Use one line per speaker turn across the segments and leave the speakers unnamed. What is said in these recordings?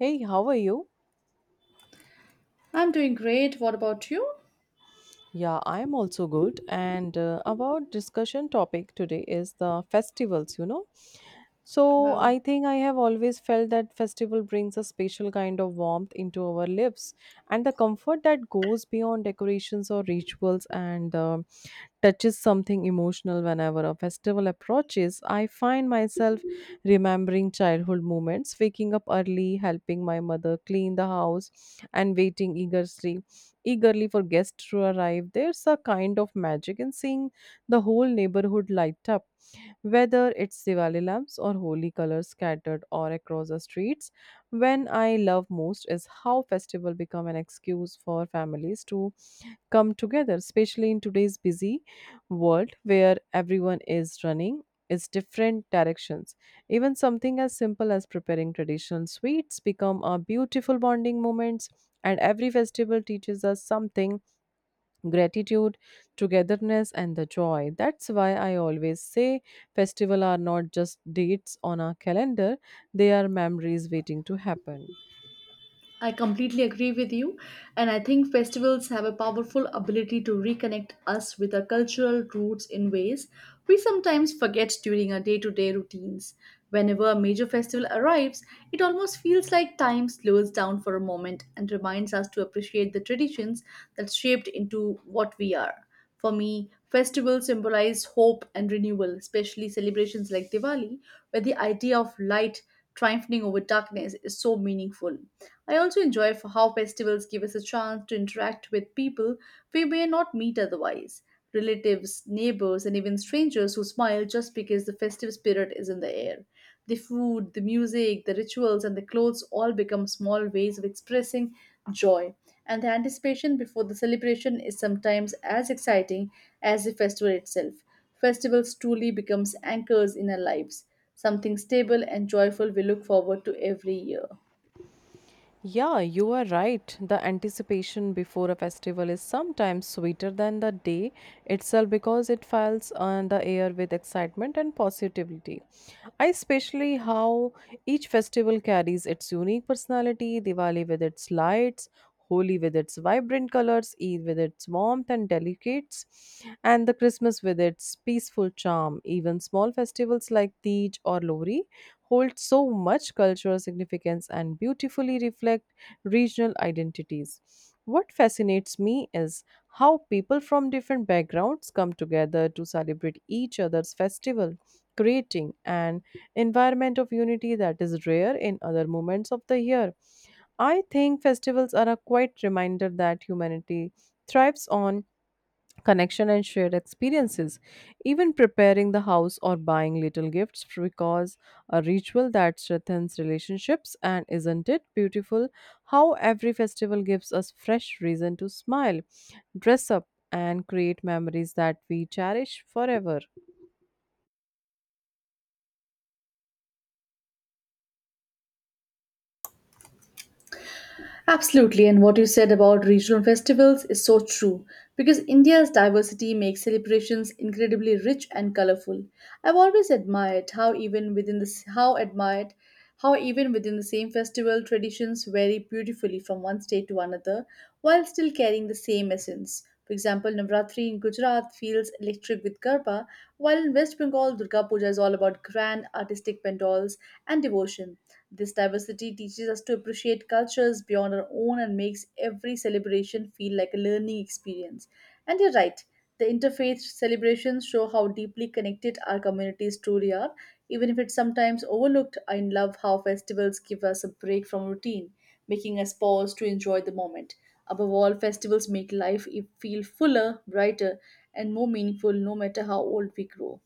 Hey, how are you?
I'm doing great. What about you?
Yeah, I'm also good. And our discussion topic today is the festivals, So I
Wow.
think I have always felt that festival brings a special kind of warmth into our lives and the comfort that goes beyond decorations or rituals and the touches something emotional whenever a festival approaches. I find myself remembering childhood moments, waking up early, helping my mother clean the house, and waiting eagerly, eagerly for guests to arrive. There's a kind of magic in seeing the whole neighborhood light up, whether it's Diwali lamps or holy colors scattered or across the streets. When I love most is how festival become an excuse for families to come together, especially in today's busy world where everyone is running its different directions. Even something as simple as preparing traditional sweets become a beautiful bonding moments, and every festival teaches us something: gratitude, togetherness, and the joy. That's why I always say festivals are not just dates on our calendar, they are memories waiting to happen.
I completely agree with you, and I think festivals have a powerful ability to reconnect us with our cultural roots in ways we sometimes forget during our day to day routines. Whenever a major festival arrives, it almost feels like time slows down for a moment and reminds us to appreciate the traditions that shaped into what we are. For me, festivals symbolize hope and renewal, especially celebrations like Diwali, where the idea of light triumphing over darkness is so meaningful. I also enjoy for how festivals give us a chance to interact with people we may not meet otherwise, relatives, neighbors, and even strangers who smile just because the festive spirit is in the air. The food, the music, the rituals, and the clothes all become small ways of expressing joy. And the anticipation before the celebration is sometimes as exciting as the festival itself. Festivals truly becomes anchors in our lives, something stable and joyful we look forward to every year.
Yeah, you are right. The anticipation before a festival is sometimes sweeter than the day itself because it fills on the air with excitement and positivity. I especially how each festival carries its unique personality, Diwali with its lights, Holi with its vibrant colors, Eid with its warmth and delicates, and the Christmas with its peaceful charm. Even small festivals like Tej or Lori hold so much cultural significance and beautifully reflect regional identities. What fascinates me is how people from different backgrounds come together to celebrate each other's festival, creating an environment of unity that is rare in other moments of the year. I think festivals are a quiet reminder that humanity thrives on connection and shared experiences, even preparing the house or buying little gifts because a ritual that strengthens relationships. And isn't it beautiful how every festival gives us fresh reason to smile, dress up, and create memories that we cherish forever?
Absolutely, and what you said about regional festivals is so true because India's diversity makes celebrations incredibly rich and colorful. I've always admired how admired how even within the same festival traditions vary beautifully from one state to another while still carrying the same essence. For example, Navratri in Gujarat feels electric with Garba, while in West Bengal, Durga Puja is all about grand artistic pandals and devotion. This diversity teaches us to appreciate cultures beyond our own and makes every celebration feel like a learning experience. And you're right, the interfaith celebrations show how deeply connected our communities truly are. Even if it's sometimes overlooked, I love how festivals give us a break from routine, making us pause to enjoy the moment. Above all, festivals make feel fuller, brighter, and more meaningful no matter how old we grow.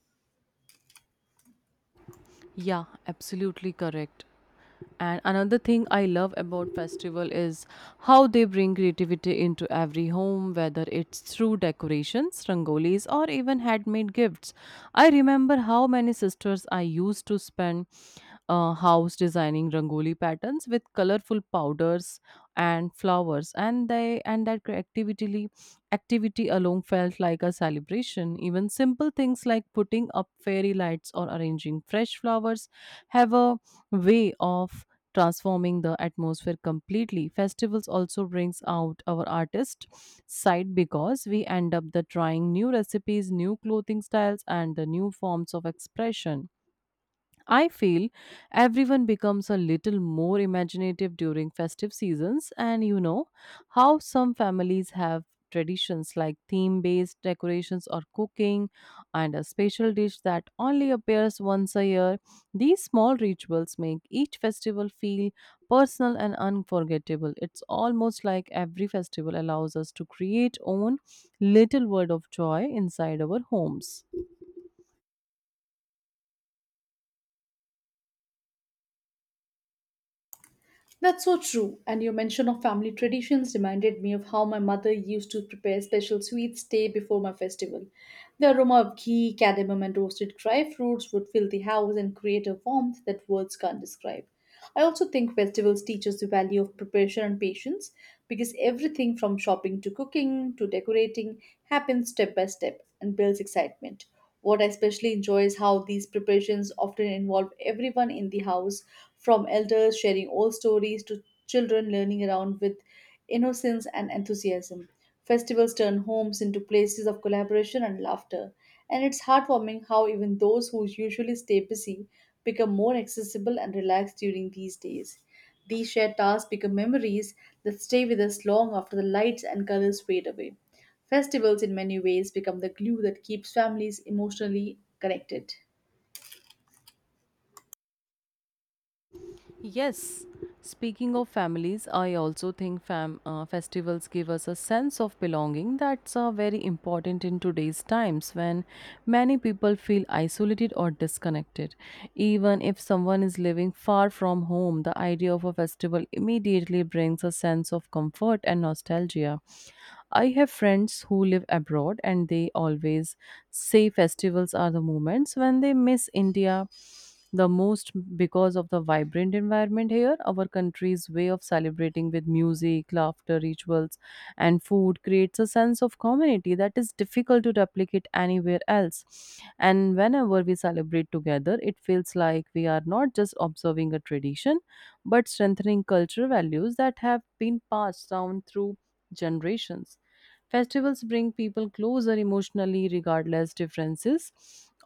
Yeah, absolutely correct. And another thing I love about festival is how they bring creativity into every home, whether it's through decorations, rangolis, or even handmade gifts. I remember how many sisters I used to spend house designing rangoli patterns with colorful powders and flowers, and they and that creativity activity alone felt like a celebration. Even simple things like putting up fairy lights or arranging fresh flowers have a way of transforming the atmosphere completely. Festivals also brings out our artist side because we end up the trying new recipes, new clothing styles, and the new forms of expression. I feel everyone becomes a little more imaginative during festive seasons, and you know how some families have traditions like theme based decorations or cooking and a special dish that only appears once a year. These small rituals make each festival feel personal and unforgettable. It's almost like every festival allows us to create own little word of joy inside our homes.
That's so true, and your mention of family traditions reminded me of how my mother used to prepare special sweets day before my festival. The aroma of ghee, cadmium, and roasted dry fruits would fill the house and create a warmth that words can't describe. I also think festivals teach us the value of preparation and patience because everything from shopping to cooking to decorating happens step by step and builds excitement. What I especially enjoy is how these preparations often involve everyone in the house, from elders sharing old stories to children learning around with innocence and enthusiasm. Festivals turn homes into places of collaboration and laughter, and it's heartwarming how even those who usually stay busy become more accessible and relaxed during these days. These shared tasks become memories that stay with us long after the lights and colors fade away. Festivals, in many ways, become the glue that keeps families emotionally connected.
Yes, speaking of families, I also think festivals give us a sense of belonging that's very important in today's times when many people feel isolated or disconnected. Even if someone is living far from home, the idea of a festival immediately brings a sense of comfort and nostalgia. I have friends who live abroad and they always say festivals are the moments when they miss India the most because of the vibrant environment here. Our country's way of celebrating with music, laughter, rituals, and food creates a sense of community that is difficult to replicate anywhere else. And whenever we celebrate together, it feels like we are not just observing a tradition but strengthening cultural values that have been passed down through generations. Festivals bring people closer emotionally, regardless differences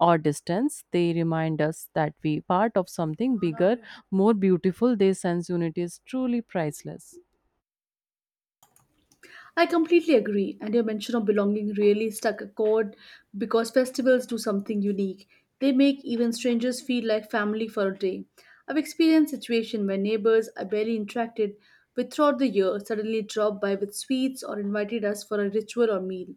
or distance. They remind us that we part of something bigger, more beautiful. Their sense unity is truly priceless.
I completely agree, and your mention of belonging really struck a chord because festivals do something unique. They make even strangers feel like family for a day. I've experienced situations where neighbors I barely interacted with throughout the year suddenly dropped by with sweets or invited us for a ritual or meal.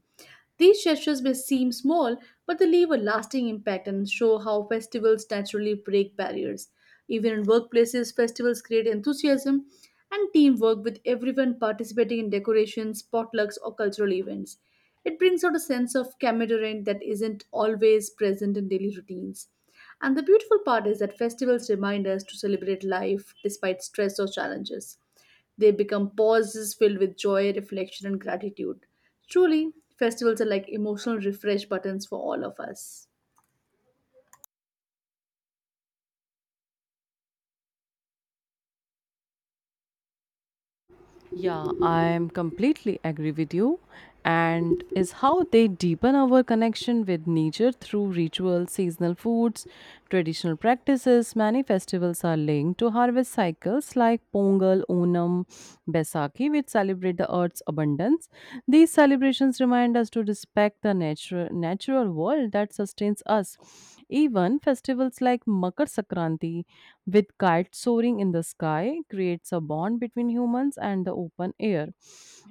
These gestures may seem small, but they leave a lasting impact and show how festivals naturally break barriers. Even in workplaces, festivals create enthusiasm and teamwork with everyone participating in decorations, potlucks, or cultural events. It brings out a sense of camaraderie that isn't always present in daily routines. And the beautiful part is that festivals remind us to celebrate life despite stress or challenges. They become pauses filled with joy, reflection, and gratitude. Truly, festivals are like emotional refresh buttons for all of us.
Yeah, I am completely agree with you. And is how they deepen our connection with nature through rituals, seasonal foods, traditional practices. Many festivals are linked to harvest cycles like Pongal, Onam, Baisakhi, which celebrate the earth's abundance. These celebrations remind us to respect the natural world that sustains us. Even festivals like Makar Sankranti with kites soaring in the sky, creates a bond between humans and the open air.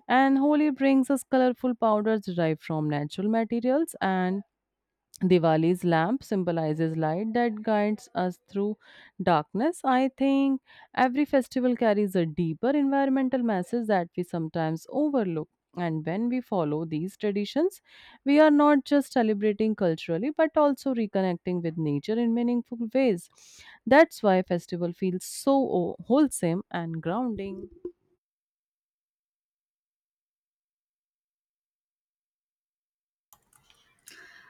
And Holi brings us colorful powders derived from natural materials, and Diwali's lamp symbolizes light that guides us through darkness. I think every festival carries a deeper environmental message that we sometimes overlook. And when we follow these traditions, we are not just celebrating culturally but also reconnecting with nature in meaningful ways. That's why festival feels so wholesome and grounding.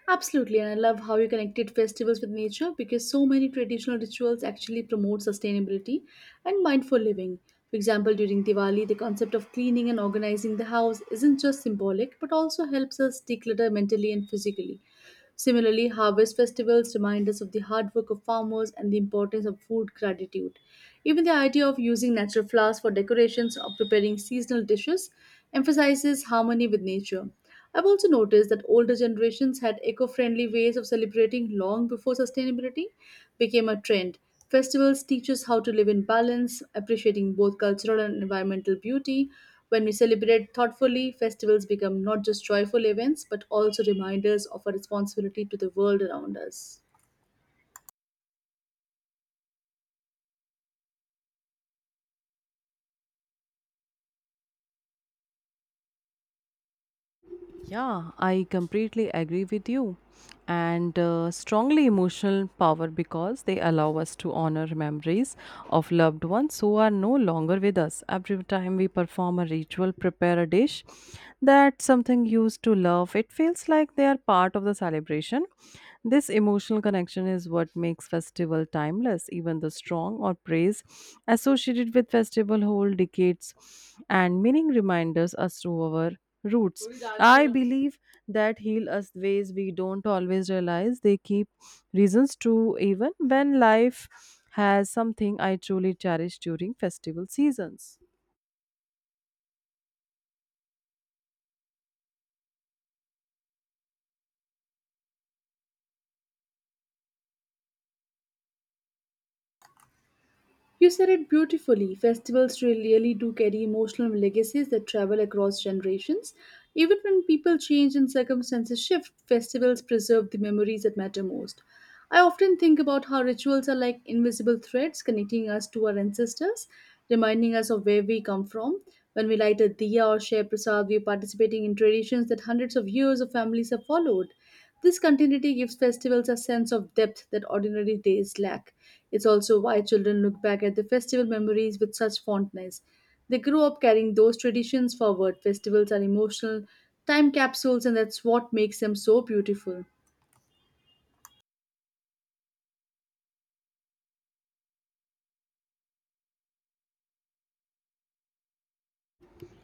Absolutely, and I love how you connected festivals with nature because so many traditional rituals actually promote sustainability and mindful living. For example, during Diwali, the concept of cleaning and organizing the house isn't just symbolic but also helps us declutter mentally and physically. Similarly, harvest festivals remind us of the hard work of farmers and the importance of food gratitude. Even the idea of using natural flowers for decorations or preparing seasonal dishes emphasizes harmony with nature. I've also noticed that older generations had eco friendly ways of celebrating long before sustainability became a trend. Festivals teach us how to live in balance, appreciating both cultural and environmental beauty. When we celebrate thoughtfully, festivals become not just joyful events but also reminders of our responsibility to the world around us.
Yeah, I completely agree with you. And strongly emotional power because they allow us to honor memories of loved ones who are no longer with us. Every time we perform a ritual, prepare a dish that something used to love, it feels like they are part of the celebration. This emotional connection is what makes festival timeless. Even the strong or praise associated with festival hold decades and meaning reminders us to our roots. I believe that heal us ways we don't always realize. They keep reasons true even when life has something I truly cherish during festival seasons.
You said it beautifully. Festivals really do carry emotional legacies that travel across generations. Even when people change and circumstances shift, festivals preserve the memories that matter most. I often think about how rituals are like invisible threads connecting us to our ancestors, reminding us of where we come from. When we light a diya or share prasad, we are participating in traditions that hundreds of years of families have followed. This continuity gives festivals a sense of depth that ordinary days lack. It's also why children look back at the festival memories with such fondness. They grow up carrying those traditions forward. Festivals are emotional time capsules, and that's what makes them so beautiful.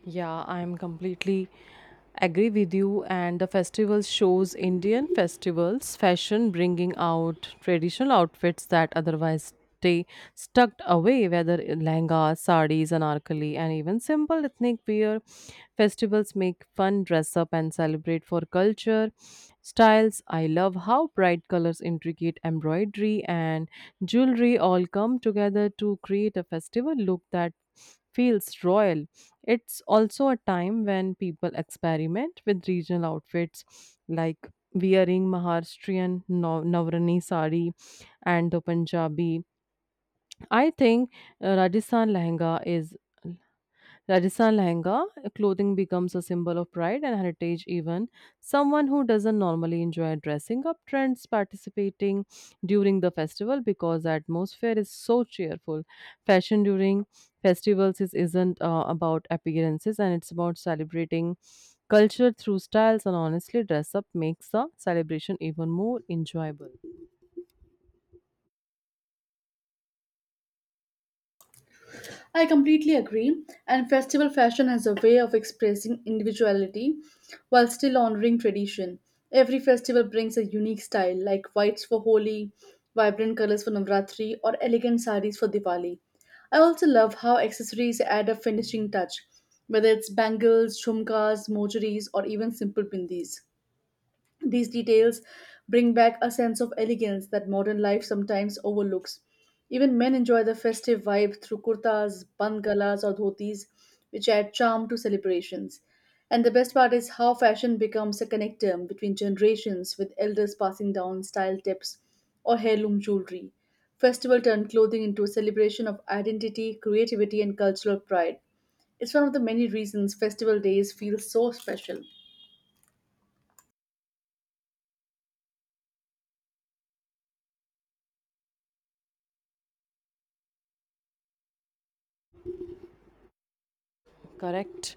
Yeah, I'm completely agree with you. And the festival shows Indian festivals fashion bringing out traditional outfits that otherwise stay stuck away, whether in lehengas, saris, anarkali, and even simple ethnic wear. Festivals make fun dress up and celebrate for culture styles. I love how bright colors, intricate embroidery, and jewelry all come together to create a festival look that feels royal. It's also a time when people experiment with regional outfits like wearing Maharashtrian Navrani sari and the Punjabi. I think Rajasthan lehenga is Rajasthan lehenga clothing becomes a symbol of pride and heritage. Even someone who doesn't normally enjoy dressing up trends participating during the festival because the atmosphere is so cheerful. Fashion during festivals is, isn't about appearances and it's about celebrating culture through styles, and honestly dress up makes the celebration even more enjoyable.
I completely agree, and festival fashion has a way of expressing individuality while still honoring tradition. Every festival brings a unique style, like whites for Holi, vibrant colors for Navratri, or elegant saris for Diwali. I also love how accessories add a finishing touch, whether it's bangles, jhumkas, mojaris, or even simple bindis. These details bring back a sense of elegance that modern life sometimes overlooks. Even men enjoy the festive vibe through kurtas, bangalas, or dhotis, which add charm to celebrations. And the best part is how fashion becomes a connector between generations, with elders passing down style tips or heirloom jewelry. Festival turned clothing into a celebration of identity, creativity, and cultural pride. It's one of the many reasons festival days feel so special.
Correct.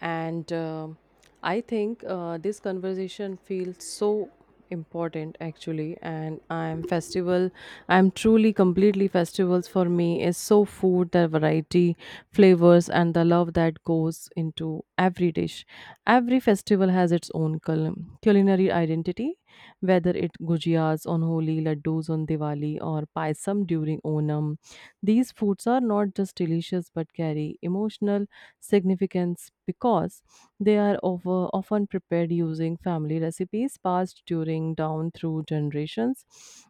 And I think this conversation feels so important actually. And I'm festival, I'm truly completely festivals for me is so food, the variety, flavors, and the love that goes into every dish. Every festival has its own culinary identity, whether it gujias on Holi, laddus on Diwali, or paisam during Onam. These foods are not just delicious but carry emotional significance because they are over, often prepared using family recipes passed during down through generations.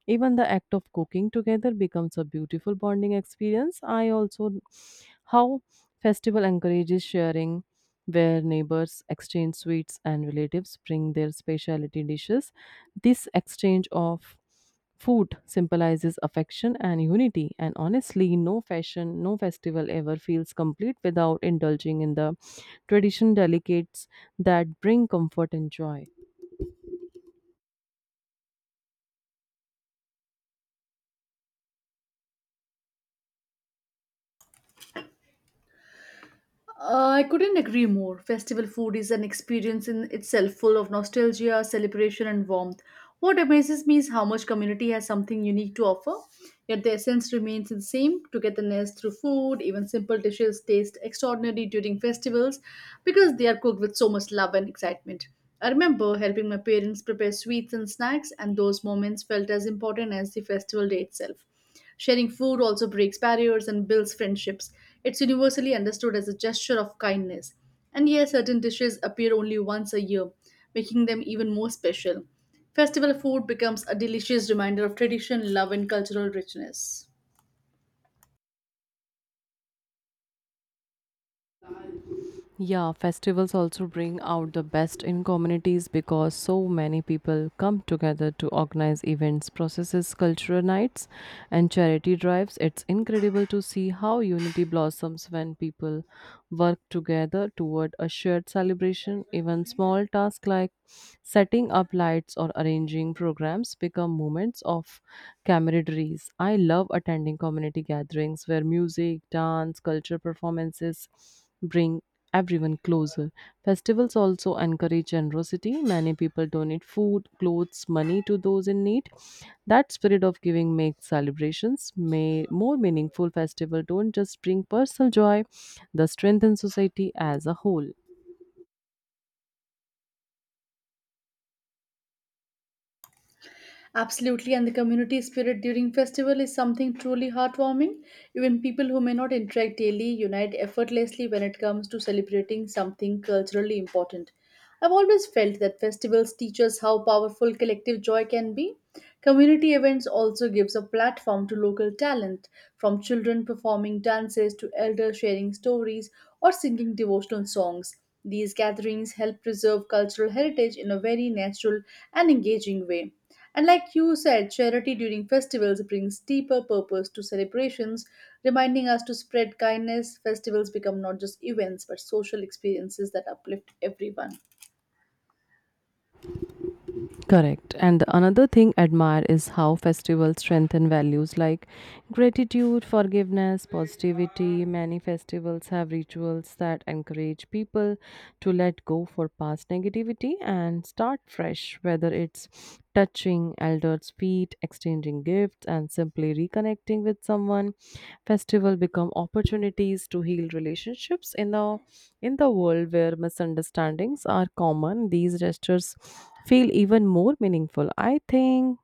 Even the act of cooking together becomes a beautiful bonding experience. I also how festival encourages sharing where neighbors exchange sweets and relatives bring their specialty dishes. This exchange of food symbolizes affection and unity, and honestly, no fashion, no festival ever feels complete without indulging in the tradition delicates that bring comfort and joy.
I couldn't agree more. Festival food is an experience in itself full of nostalgia, celebration, and warmth. What amazes me is how much community has something unique to offer, yet the essence remains the same togetherness through food. Even simple dishes taste extraordinary during festivals because they are cooked with so much love and excitement. I remember helping my parents prepare sweets and snacks, and those moments felt as important as the festival day itself. Sharing food also breaks barriers and builds friendships. It's universally understood as a gesture of kindness. And here, certain dishes appear only once a year, making them even more special. Festival food becomes a delicious reminder of tradition, love, and cultural richness.
Yeah, festivals also bring out the best in communities because so many people come together to organize events, processes, cultural nights, and charity drives. It's incredible to see how unity blossoms when people work together toward a shared celebration. Even small tasks like setting up lights or arranging programs become moments of camaraderie. I love attending community gatherings where music, dance, culture performances bring everyone closer. Festivals also encourage generosity. Many people donate food, clothes, money to those in need. That spirit of giving makes celebrations may more meaningful. Festival don't just bring personal joy, they strengthen society as a whole.
Absolutely, and the community spirit during festival is something truly heartwarming. Even people who may not interact daily unite effortlessly when it comes to celebrating something culturally important. I've always felt that festivals teach us how powerful collective joy can be. Community events also gives a platform to local talent, from children performing dances to elders sharing stories or singing devotional songs. These gatherings help preserve cultural heritage in a very natural and engaging way. And like you said, charity during festivals brings deeper purpose to celebrations, reminding us to spread kindness. Festivals become not just events but social experiences that uplift everyone.
Correct. And another thing I admire is how festivals strengthen values like gratitude, forgiveness, positivity. Many festivals have rituals that encourage people to let go for past negativity and start fresh, whether it's touching elders' feet, exchanging gifts, and simply reconnecting with someone. Festival become opportunities to heal relationships in the world where misunderstandings are common. These gestures feel even more meaningful. I think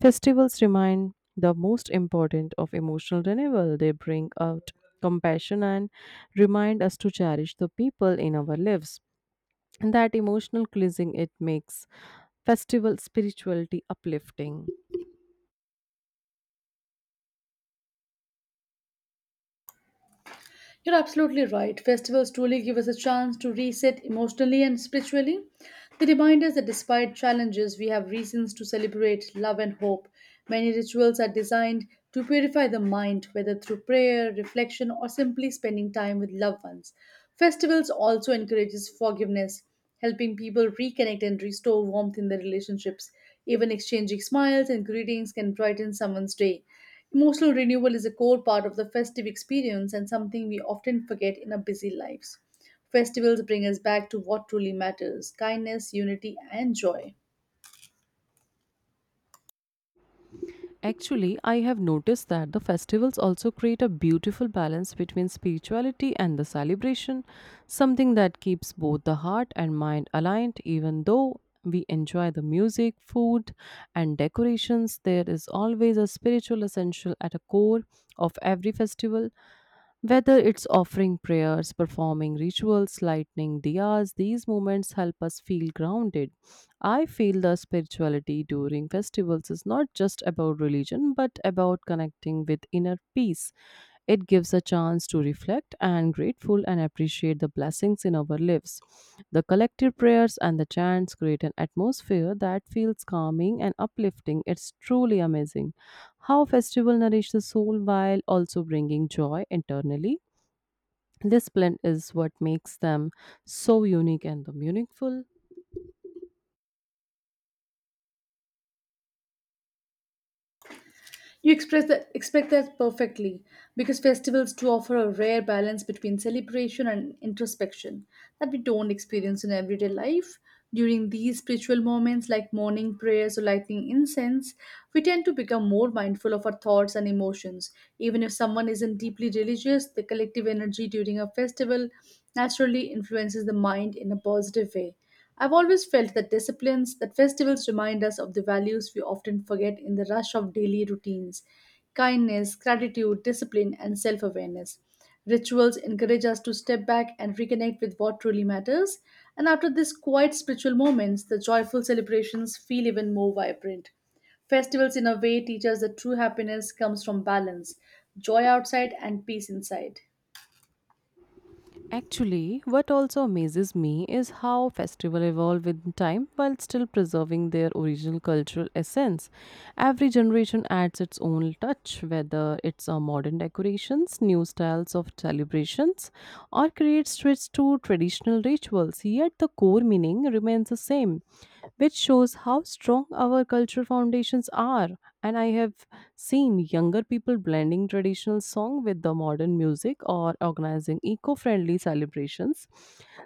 festivals remind the most important of emotional renewal. They bring out compassion and remind us to cherish the people in our lives. And that emotional cleansing it makes festival spirituality uplifting.
You're absolutely right. Festivals truly give us a chance to reset emotionally and spiritually. They remind us that despite challenges, we have reasons to celebrate love and hope. Many rituals are designed to purify the mind, whether through prayer, reflection, or simply spending time with loved ones. Festivals also encourages forgiveness, helping people reconnect and restore warmth in their relationships. Even exchanging smiles and greetings can brighten someone's day. Emotional renewal is a core part of the festive experience and something we often forget in our busy lives. Festivals bring us back to what truly matters, kindness, unity, and joy.
Actually, I have noticed that the festivals also create a beautiful balance between spirituality and the celebration, something that keeps both the heart and mind aligned, even though we enjoy the music, food, and decorations. There is always a spiritual essential at a core of every festival, whether it's offering prayers, performing rituals, lighting diyas, these moments help us feel grounded. I feel the spirituality during festivals is not just about religion but about connecting with inner peace. It gives a chance moments to reflect and grateful and appreciate the blessings in our lives. The collective prayers and the chants create an atmosphere that feels calming and uplifting. It's truly amazing how festival nourish the soul while also bringing joy internally. This blend is what makes them so unique and meaningful.
You express that, expect that perfectly because festivals do offer a rare balance between celebration and introspection that we don't experience in everyday life. During these spiritual moments, like morning prayers or lighting incense, we tend to become more mindful of our thoughts and emotions. Even if someone isn't deeply religious, the collective energy during a festival naturally influences the mind in a positive way. I've always felt that disciplines, that festivals remind us of the values we often forget in the rush of daily routines, kindness, gratitude, discipline, and self awareness. Rituals encourage us to step back and reconnect with what truly matters, and after these quiet spiritual moments, the joyful celebrations feel even more vibrant. Festivals, in a way, teach us that true happiness comes from balance, joy outside, and peace inside.
Actually, what also amazes me is how festivals evolve with time while still preserving their original cultural essence. Every generation adds its own touch, whether it's a modern decorations, new styles of celebrations, or creates twists to traditional rituals. Yet the core meaning remains the same, which shows how strong our cultural foundations are. And I have same, younger people blending traditional song with the modern music or organizing eco-friendly celebrations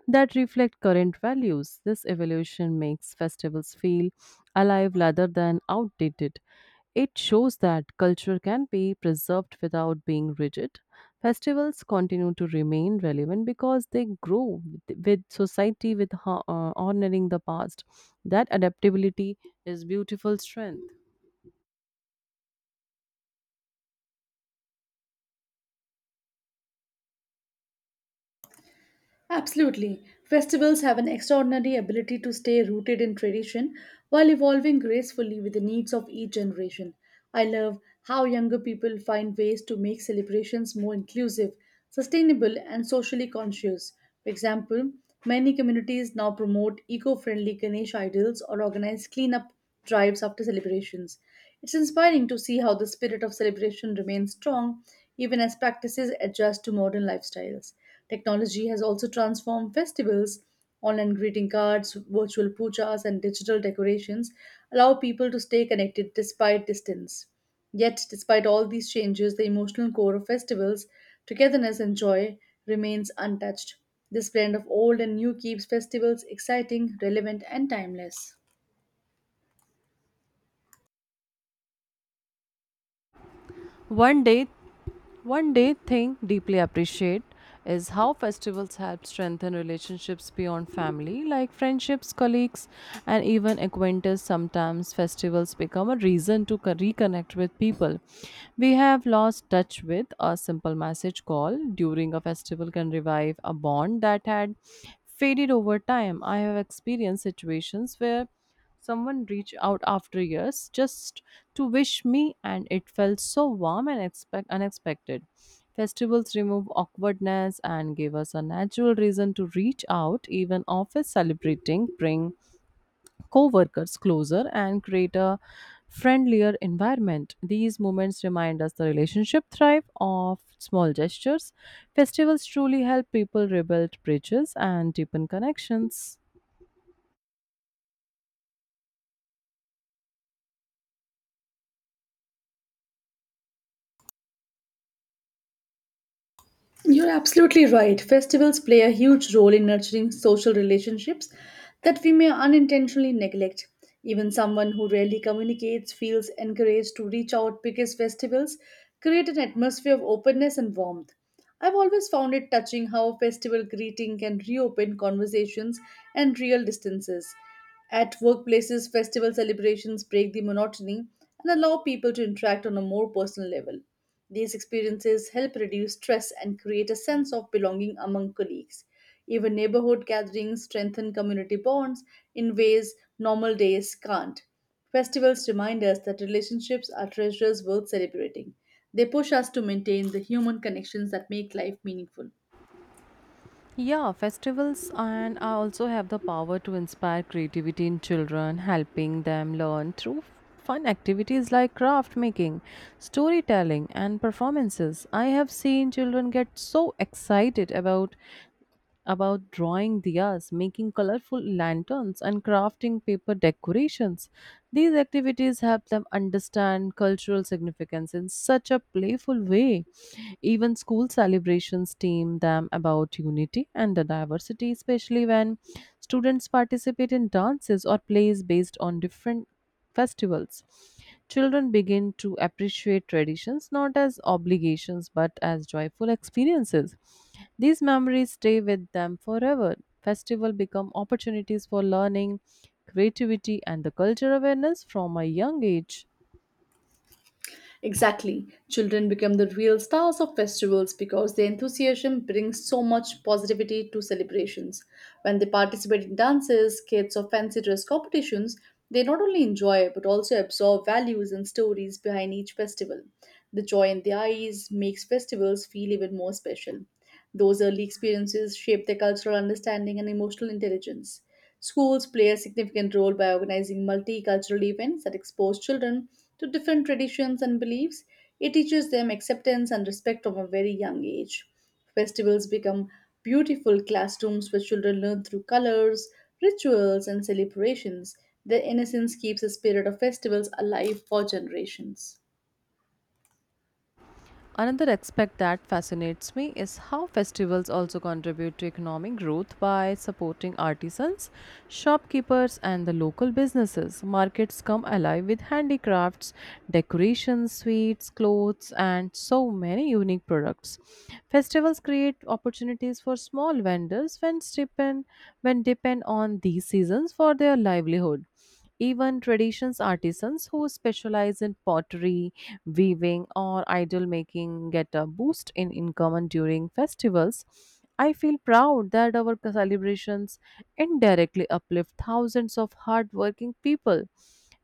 that reflect current values. This evolution makes festivals feel alive rather than outdated. It shows that culture can be preserved without being rigid. Festivals continue to remain relevant because they grow with society, with honoring the past. That adaptability is beautiful strength.
Absolutely. Festivals have an extraordinary ability to stay rooted in tradition while evolving gracefully with the needs of each generation. I love how younger people find ways to make celebrations more inclusive, sustainable, and socially conscious. For example, many communities now promote eco friendly Ganesh idols or organize cleanup drives after celebrations. It's inspiring to see how the spirit of celebration remains strong even as practices adjust to modern lifestyles. Technology has also transformed festivals. Online greeting cards, virtual pujas, and digital decorations allow people to stay connected despite distance. Yet, despite all these changes, the emotional core of festivals, togetherness and joy, remains untouched. This blend of old and new keeps festivals exciting, relevant, and timeless.
One day, One day thing deeply appreciate is how festivals help strengthen relationships beyond family, like friendships, colleagues, and even acquaintances. Sometimes festivals become a reason to reconnect with people we have lost touch with. A simple message call during a festival can revive a bond that had faded over time. I have experienced situations where someone reached out after years just to wish me, and it felt so warm and unexpected. Festivals remove awkwardness and give us a natural reason to reach out. Even office celebrating bring co-workers closer and create a friendlier environment. These moments remind us the relationship thrive of small gestures. Festivals truly help people rebuild bridges and deepen connections.
You're absolutely right. Festivals play a huge role in nurturing social relationships that we may unintentionally neglect. Even someone who rarely communicates feels encouraged to reach out because festivals create an atmosphere of openness and warmth. I've always found it touching how a festival greeting can reopen conversations and real distances. At workplaces, festival celebrations break the monotony and allow people to interact on a more personal level. These experiences help reduce stress and create a sense of belonging among colleagues. Even neighborhood gatherings strengthen community bonds in ways normal days can't. Festivals remind us that relationships are treasures worth celebrating. They push us to maintain the human connections that make life meaningful.
Yeah, festivals and I also have the power to inspire creativity in children, helping them learn through fun activities like craft making, storytelling, and performances. I have seen children get so excited about drawing diyas, making colorful lanterns, and crafting paper decorations. These activities help them understand cultural significance in such a playful way. Even school celebrations team them about unity and the diversity, especially when students participate in dances or plays based on different festivals. Children begin to appreciate traditions not as obligations but as joyful experiences. These memories stay with them forever. Festival become opportunities for learning, creativity and the culture awareness from a young age.
Exactly. Children become the real stars of festivals because their enthusiasm brings so much positivity to celebrations. When they participate in dances, skits, or fancy dress competitions, they not only enjoy but also absorb values and stories behind each festival. The joy in their eyes makes festivals feel even more special. Those early experiences shape their cultural understanding and emotional intelligence. Schools play a significant role by organizing multicultural events that expose children to different traditions and beliefs. It teaches them acceptance and respect from a very young age. Festivals become beautiful classrooms where children learn through colors, rituals, and celebrations. Their innocence keeps the spirit of festivals alive for generations.
Another aspect that fascinates me is how festivals also contribute to economic growth by supporting artisans, shopkeepers, and the local businesses. Markets come alive with handicrafts, decorations, sweets, clothes, and so many unique products. Festivals create opportunities for small vendors when depend on these seasons for their livelihood. Even traditions artisans who specialize in pottery, weaving, or idol making get a boost in income and during festivals. I feel proud that our celebrations indirectly uplift thousands of hardworking people.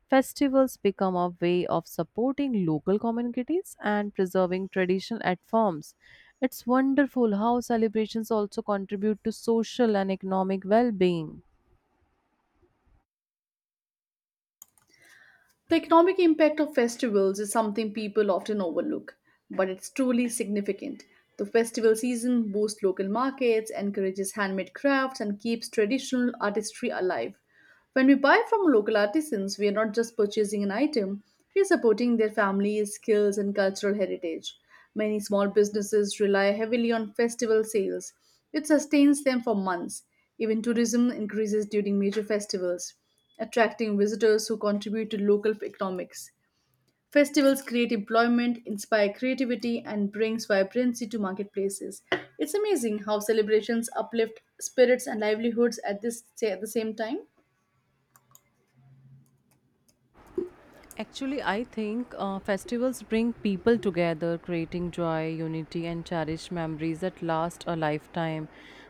Festivals become a way of supporting local communities and preserving traditional art forms. It's wonderful how celebrations also contribute to social and economic well being.
The economic impact of festivals is something people often overlook, but it's truly significant. The festival season boosts local markets, encourages handmade crafts, and keeps traditional artistry alive. When we buy from local artisans, we are not just purchasing an item, we are supporting their families, skills, and cultural heritage. Many small businesses rely heavily on festival sales, which sustains them for months. Even tourism increases during major festivals attracting visitors who contribute to local economics. Festivals create employment, inspire creativity, and brings vibrancy to marketplaces. It's amazing how celebrations uplift spirits and livelihoods at the same time.
Actually, I think festivals bring people together, creating joy, unity, and cherished memories that last a lifetime.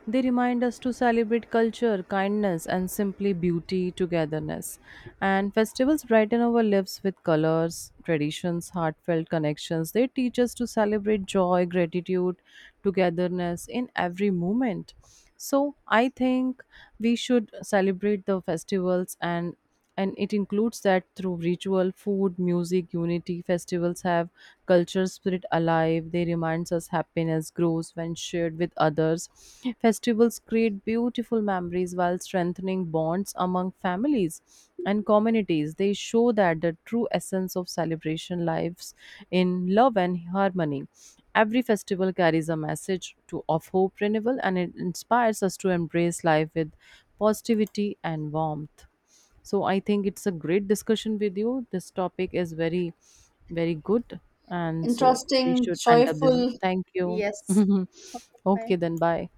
They remind us to celebrate culture, kindness, and simply beauty, togetherness. And festivals brighten our lives with colors, traditions, heartfelt connections. They teach us to celebrate joy, gratitude, togetherness in every moment. So, I think we should celebrate the festivals and it includes that through ritual, food, music, unity. Festivals have culture spirit alive. They reminds us happiness grows when shared with others. Festivals create beautiful memories while strengthening bonds among families and communities. They show that the true essence of celebration lives in love and harmony. Every festival carries a message to, of hope renewal and it inspires us to embrace life with positivity and warmth. So I think it's a great discussion with you. This topic is very, very good. And so we
Interesting,
should end up this.
joyful.
Thank you.
Yes. Okay, bye.
Okay, then bye.